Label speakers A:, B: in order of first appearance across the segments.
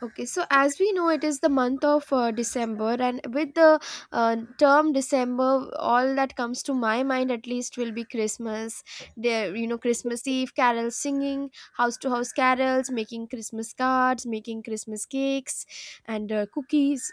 A: Okay, so as we know, it is the month of December, and with the term December, all that comes to my mind at least will be Christmas. There, you know, Christmas Eve carols singing, house to house carols, making Christmas cards, making Christmas cakes, and cookies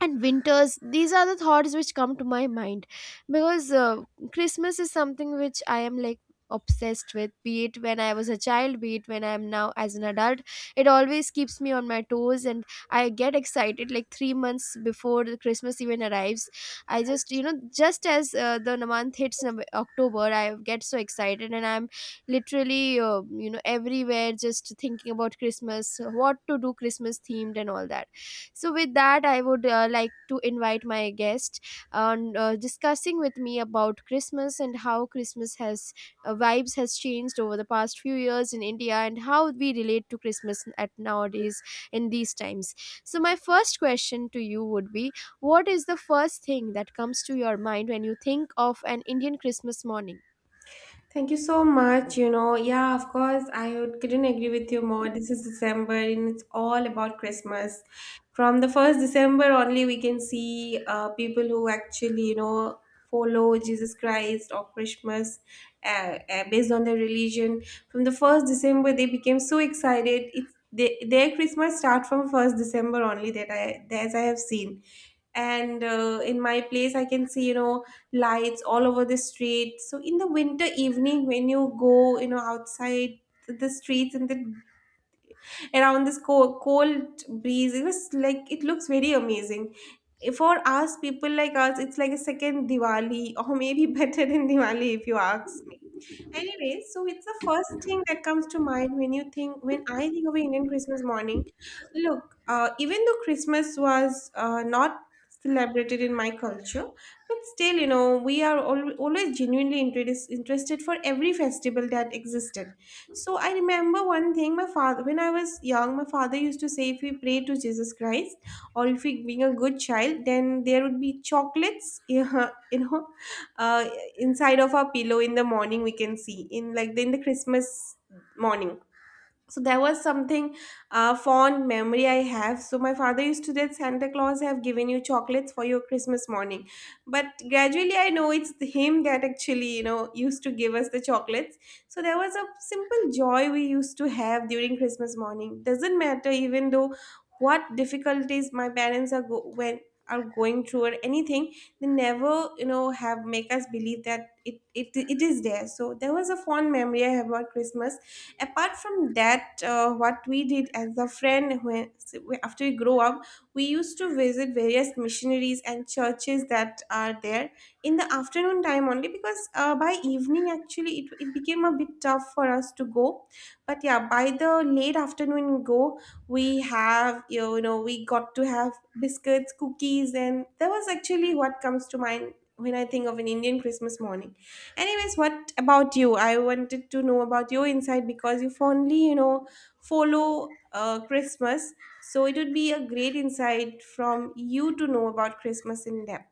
A: and winters, these are the thoughts which come to my mind because christmas is something which I am like obsessed with, be it when I was a child, be it when I am now as an adult. It always keeps me on my toes, and I get excited like 3 months before the christmas even arrives. I just just as the month hits october, I get so excited and I'm literally everywhere just thinking about christmas, what to do, christmas themed and all that. So with that, I would like to invite my guest on discussing with me about Christmas and how Christmas has vibes has changed over the past few years in India, and how we relate to Christmas at nowadays in these times. So my first question to you would be, what is the first thing that comes to your mind when you think of an Indian Christmas morning?
B: Thank you so much. You know, yeah, of course, couldn't agree with you more. This is December and it's all about Christmas. From the first December only, we can see people who actually, follow Jesus Christ or Christmas based on their religion. From the first December, they became so excited. Their Christmas start from first December only that I have seen and in my place I can see lights all over the street. So in the winter evening, when you go, outside the streets and the around this cold, cold breeze, it was like it looks very amazing. For us, people like us, it's like a second Diwali, or maybe better than Diwali if you ask. Anyway, so it's the first thing that comes to mind when I think of Indian Christmas morning. Look, even though Christmas was not celebrated in my culture, but still, we are always genuinely interested for every festival that existed. So I remember one thing, my father, when I was young, my father used to say, if we pray to Jesus Christ, or if we being a good child, then there would be chocolates, know, uh, inside of our pillow in the morning we can see in like in the Christmas morning. So there was something fond memory I have. So my father used to tell Santa Claus have given you chocolates for your Christmas morning, but gradually I know it's him that actually used to give us the chocolates. So there was a simple joy we used to have during Christmas morning, doesn't matter even though what difficulties my parents when are going through or anything, they never have make us believe that it is there. So there was a fond memory I have about Christmas. Apart from that, what we did as a friend when after we grow up, we used to visit various missionaries and churches that are there in the afternoon time only, because by evening actually it became a bit tough for us to go. But yeah, by the late afternoon go we have you know we got to have biscuits, cookies, and that was actually what comes to mind when I think of an Indian Christmas morning. Anyways, what about you? I wanted to know about your insight because you fondly, follow Christmas. So it would be a great insight from you to know about Christmas in depth.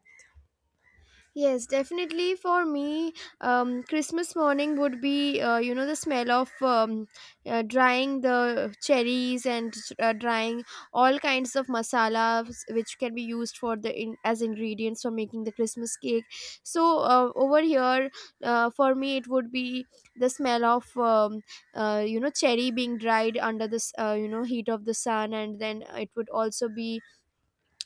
A: Yes, definitely for me, Christmas morning would be, you know, the smell of drying the cherries and drying all kinds of masalas which can be used for the as ingredients for making the Christmas cake. So over here, for me, it would be the smell of, you know, cherry being dried under this, you know, heat of the sun, and then it would also be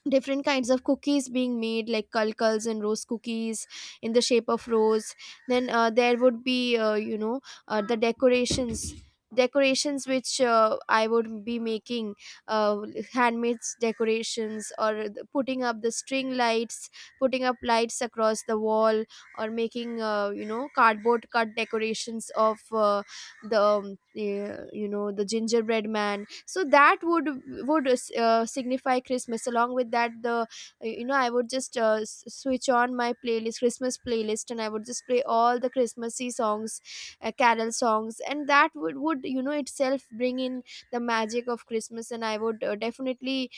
A: different kinds of cookies being made, like kalkals and rose cookies in the shape of rose. Then there would be you know, the decorations which I would be making, uh, handmade decorations, putting up the string lights, putting up lights across the wall, or making you know, cardboard cut decorations of you know, the gingerbread man. So that would signify christmas. Along with that, the you know, I would just switch on my playlist, christmas playlist, and I would just play all the christmassy songs, carol songs, and that would you know itself bring in the magic of christmas, and I would definitely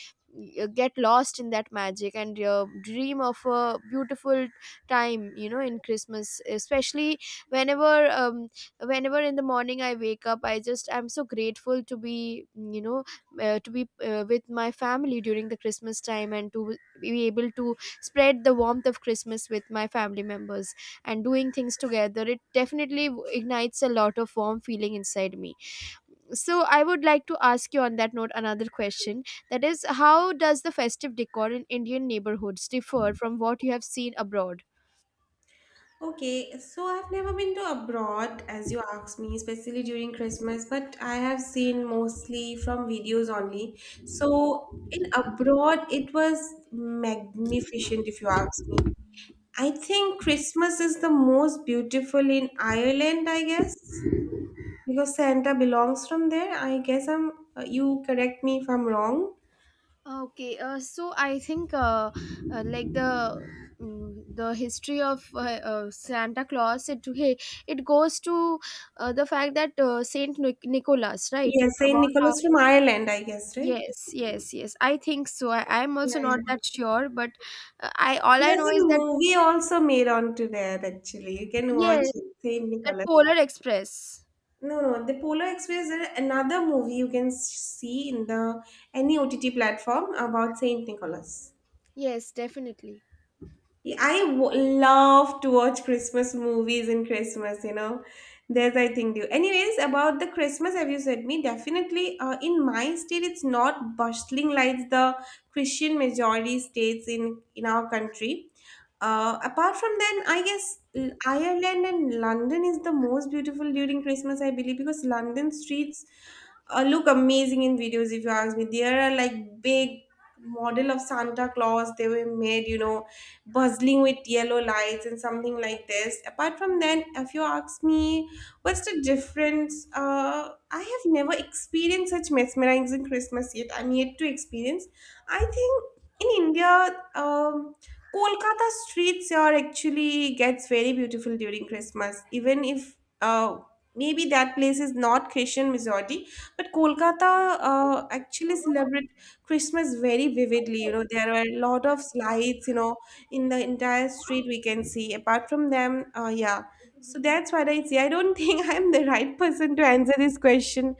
A: get lost in that magic and dream of a beautiful time, you know, in christmas. Especially whenever um, whenever in the morning I wake up, I just I'm so grateful to be, you know, to be with my family during the christmas time and to be able to spread the warmth of christmas with my family members, and doing things together, it definitely ignites a lot of warm feeling inside me. So I would like to ask you on that note another question, that is, how does the festive decor in indian neighborhoods differ from what you have seen abroad?
B: Okay, so I've never been to abroad, as you asked me, especially during Christmas, but I have seen mostly from videos only. So in abroad, it was magnificent, if you ask me. I think Christmas is the most beautiful in Ireland, I guess. Because Santa belongs from there, I guess you correct me if I'm wrong.
A: Okay, so I think like the the history of Santa Claus, it it goes to the fact that Nicholas, right?
B: Yes, Saint
A: About how
B: Nicholas from Ireland, I guess, right?
A: yes, yes, yes. I think so. I am
B: Yeah,
A: also
B: yeah.
A: not that
B: Yeah.
A: sure, but I all I
B: There's
A: know
B: a
A: is that
B: movie also made onto there, actually. You can watch
A: yes,
B: it, Saint
A: that
B: Nicholas.
A: Polar Express.
B: No, no, the Polar Express is another movie you can see in the any OTT platform about Saint Nicholas.
A: Yes, definitely.
B: Yeah, I love to watch Christmas movies in Christmas. There's, I think, do. Anyways, about the Christmas, have you said me? Definitely, in my state, it's not bustling like the Christian majority states in our country. Apart from then, I guess Ireland and London is the most beautiful during Christmas, I believe, because London streets look amazing in videos, if you ask me. There are like big model of Santa Claus they were made, bustling with yellow lights and something like this. Apart from then, if you ask me, what's the difference? I have never experienced such mesmerizing Christmas yet. I'm yet to experience. I think in India, Kolkata streets are actually gets very beautiful during Christmas, even if uh, maybe that place is not Christian majority, but Kolkata actually celebrate Christmas very vividly. There are a lot of lights. In the entire street we can see apart from them yeah. So that's what I see. I don't think I'm the right person to answer this question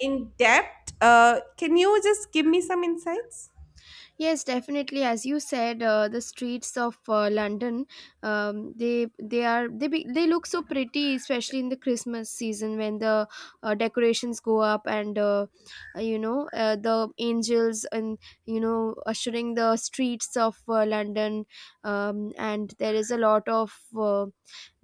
B: in depth. Can you just give me some insights?
A: Yes, definitely. As you said, the streets of London, they are they be, they look so pretty, especially in the Christmas season when the decorations go up, and you know, the angels and you know, ushering the streets of London, and there is a lot of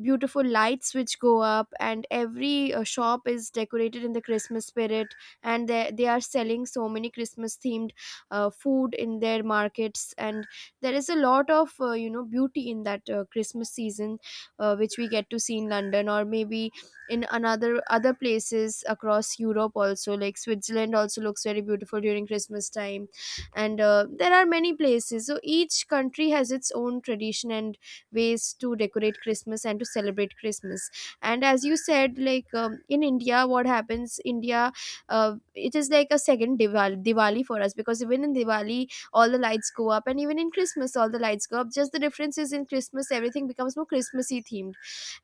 A: beautiful lights which go up, and every shop is decorated in the christmas spirit, and they are selling so many christmas themed food in their markets, and there is a lot of you know, beauty in that christmas season, which we get to see in london, or maybe in another other places across europe also, like switzerland also looks very beautiful during christmas time. And there are many places, so each country has its own tradition and ways to decorate christmas and to celebrate christmas. And as you said, like in india, what happens, india it is like a second Diwali for us, because even in Diwali, all the lights go up, and even in Christmas, all the lights go up. Just the difference is in Christmas, everything becomes more Christmassy themed,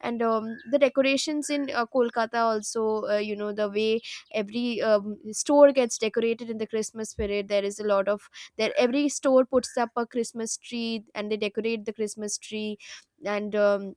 A: and the decorations in Kolkata also, you know, the way every store gets decorated in the Christmas spirit. There is a lot of there. Every store puts up a Christmas tree, and they decorate the Christmas tree, and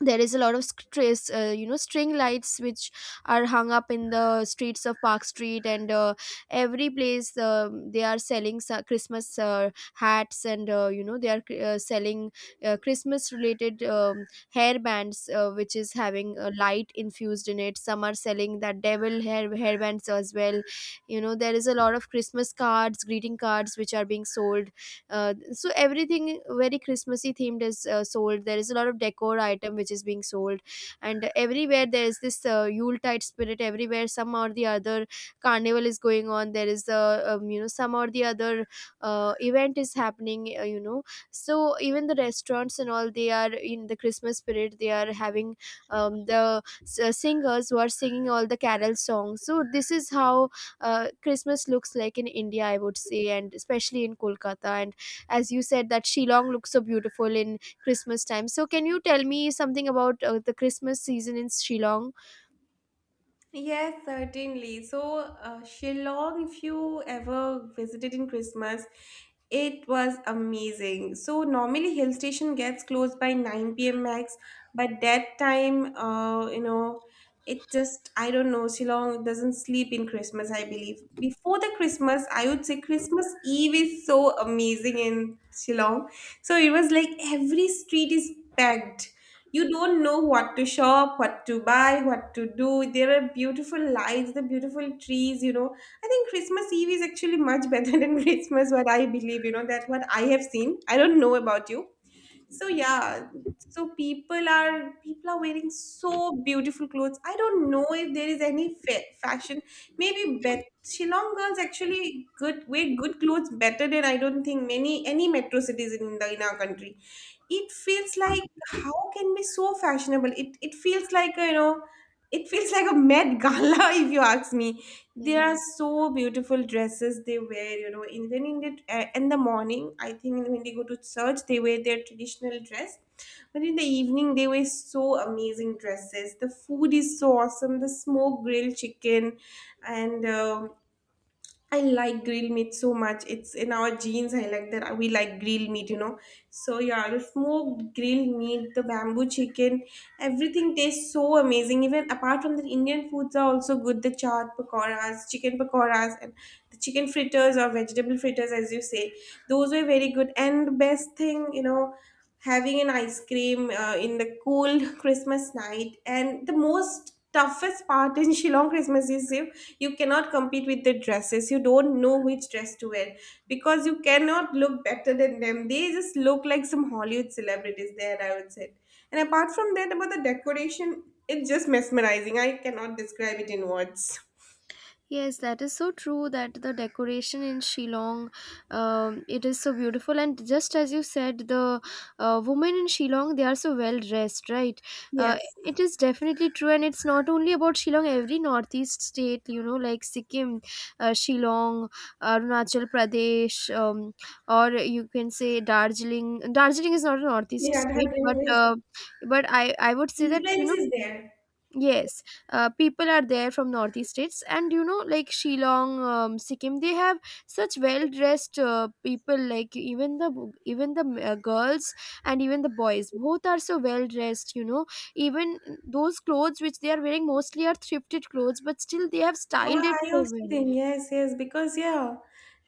A: there is a lot of stress, you know, string lights which are hung up in the streets of park street, and every place, um, they are selling christmas hats, and you know, they are selling christmas related hair bands, which is having light infused in it. Some are selling that devil hair bands as well. You know, there is a lot of christmas cards, greeting cards which are being sold, so everything very christmassy themed is sold. There is a lot of decor item which is being sold, and everywhere there is this yuletide spirit. Everywhere some or the other carnival is going on. There is a you know, some or the other event is happening, you know. So even the restaurants and all, they are in the christmas spirit, they are having singers who are singing all the carol songs. So this is how christmas looks like in india, I would say, and especially in kolkata. And as you said that Shillong looks so beautiful in Christmas time, so can you tell me something about the Christmas season in Shillong?
B: Yes, certainly. So, Shillong, if you ever visited in Christmas, it was amazing. So, normally hill station gets closed by 9 p.m. max, but that time, it just, I don't know, Shillong doesn't sleep in Christmas, I believe. Before the Christmas, I would say Christmas Eve is so amazing in Shillong. So, it was like every street is packed, you don't know what to shop, what to buy, what to do. There are beautiful lights, the beautiful trees, you know. I think Christmas Eve is actually much better than Christmas, what I believe, that what I have seen. I don't know about you. So yeah, so people are wearing so beautiful clothes. I don't know if there is any fashion. Maybe bet Shillong girls actually good wear good clothes better than I don't think many any metro cities in our country. It feels like how can be so fashionable, it feels like a, it feels like a Met Gala if you ask me. There are so beautiful dresses they wear, even in the morning, I think, when they go to church they wear their traditional dress, but in the evening they wear so amazing dresses. The food is so awesome, the smoked grilled chicken, and I like grilled meat so much. It's in our genes. I like that. We like grilled meat. So yeah, the smoked grilled meat, the bamboo chicken, everything tastes so amazing. Even apart from that, Indian foods are also good. The chaat pakoras, chicken pakoras, and the chicken fritters or vegetable fritters, as you say, those were very good. And the best thing, having an ice cream in the cool Christmas night. And the most toughest part in Shillong Christmas is you cannot compete with the dresses, you don't know which dress to wear, because you cannot look better than them, they just look like some Hollywood celebrities there, I would say. And apart from that, about the decoration, it's just mesmerizing, I cannot describe it in words.
A: Yes, that is so true that the decoration in Shillong, it is so beautiful. And just as you said, the women in Shillong, they are so well dressed, right? Uh,
B: Yes.
A: it is definitely true. And it's not only about Shillong, every northeast state, you know, like Sikkim, Shillong, Arunachal Pradesh, or you can say Darjeeling. Darjeeling is not a northeast
B: Yeah, that
A: state,
B: influence
A: but I would say that, you
B: influence
A: know,
B: is there.
A: yes, people are there from northeast states, and you know, like Shillong, Sikkim, they have such well-dressed people. Like even the even the girls and even the boys, both are so well-dressed. You know, even those clothes which they are wearing mostly are thrifted clothes, but still they have styled
B: Yeah,
A: it
B: I
A: so
B: also
A: well.
B: think. Yes, yes, because yeah,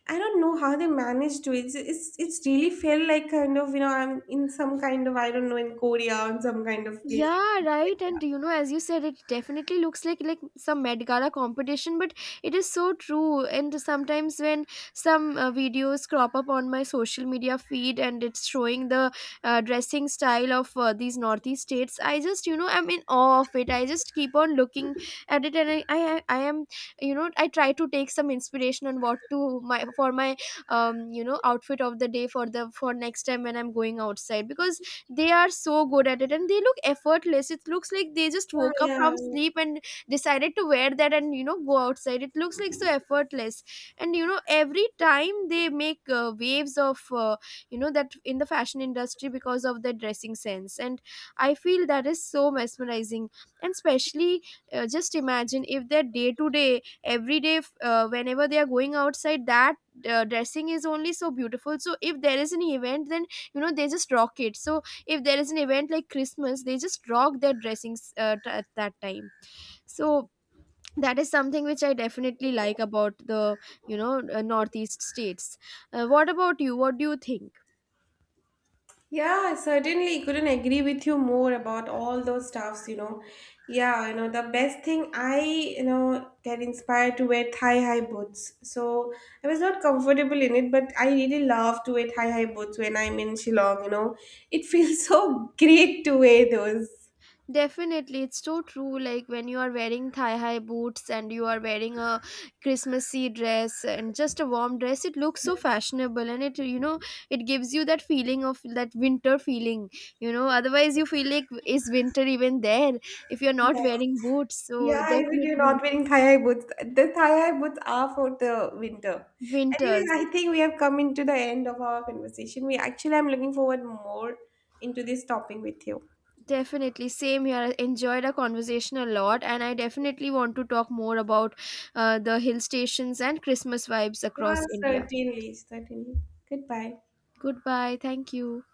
B: I don't know how they managed to. It's really felt like kind of, I'm in some kind of, I don't know, in Korea or some kind of place.
A: Yeah, right.
B: Like.
A: And you know, as you said, it definitely looks like some Met Gala competition, but it is so true. And sometimes when some videos crop up on my social media feed and it's showing the dressing style of these Northeast states, I just you know I'm in awe of it. I just keep on looking at it, and I am, you know, I try to take some inspiration on what to my for my um, you know, outfit of the day for the for next time when I'm going outside, because they are so good at it and they look effortless. It looks like they just
B: Yeah,
A: woke up
B: yeah.
A: from sleep and decided to wear that and, you know, go outside. It looks like so effortless. And you know, every time they make waves of you know, that in the fashion industry because of their dressing sense, and I feel that is so mesmerizing. And especially just imagine if their day to day every day, whenever they are going outside, that dressing is only so beautiful. So if there is an event, then you know, they just rock it. So if there is an event like christmas, they just rock their dressings at that time. So that is something which I definitely like about the, you know, northeast states. What about you, what do you think?
B: Yeah, I certainly couldn't agree with you more about all those stuffs. Yeah, the best thing get inspired to wear thigh-high boots. So I was not comfortable in it, but I really love to wear thigh-high boots when I'm in Shillong. It feels so great to wear those.
A: Definitely, it's so true. Like when you are wearing thigh high boots and you are wearing a Christmassy dress and just a warm dress, it looks so fashionable, and it, you know, it gives you that feeling of that winter feeling, you know. Otherwise, you feel like, is winter even there if you're not wearing boots? So,
B: Yeah, even you're
A: definitely,
B: not wearing thigh-high boots. The thigh-high boots are for the winter. Anyways,
A: winters.
B: I think we have come into the end of our conversation. We actually, I'm looking forward more into this topic with you.
A: Definitely, same here. I enjoyed our conversation a lot, and I definitely want to talk more about the hill stations and Christmas vibes
B: Yeah,
A: across India.
B: certainly, certainly. Goodbye.
A: Goodbye. Thank you.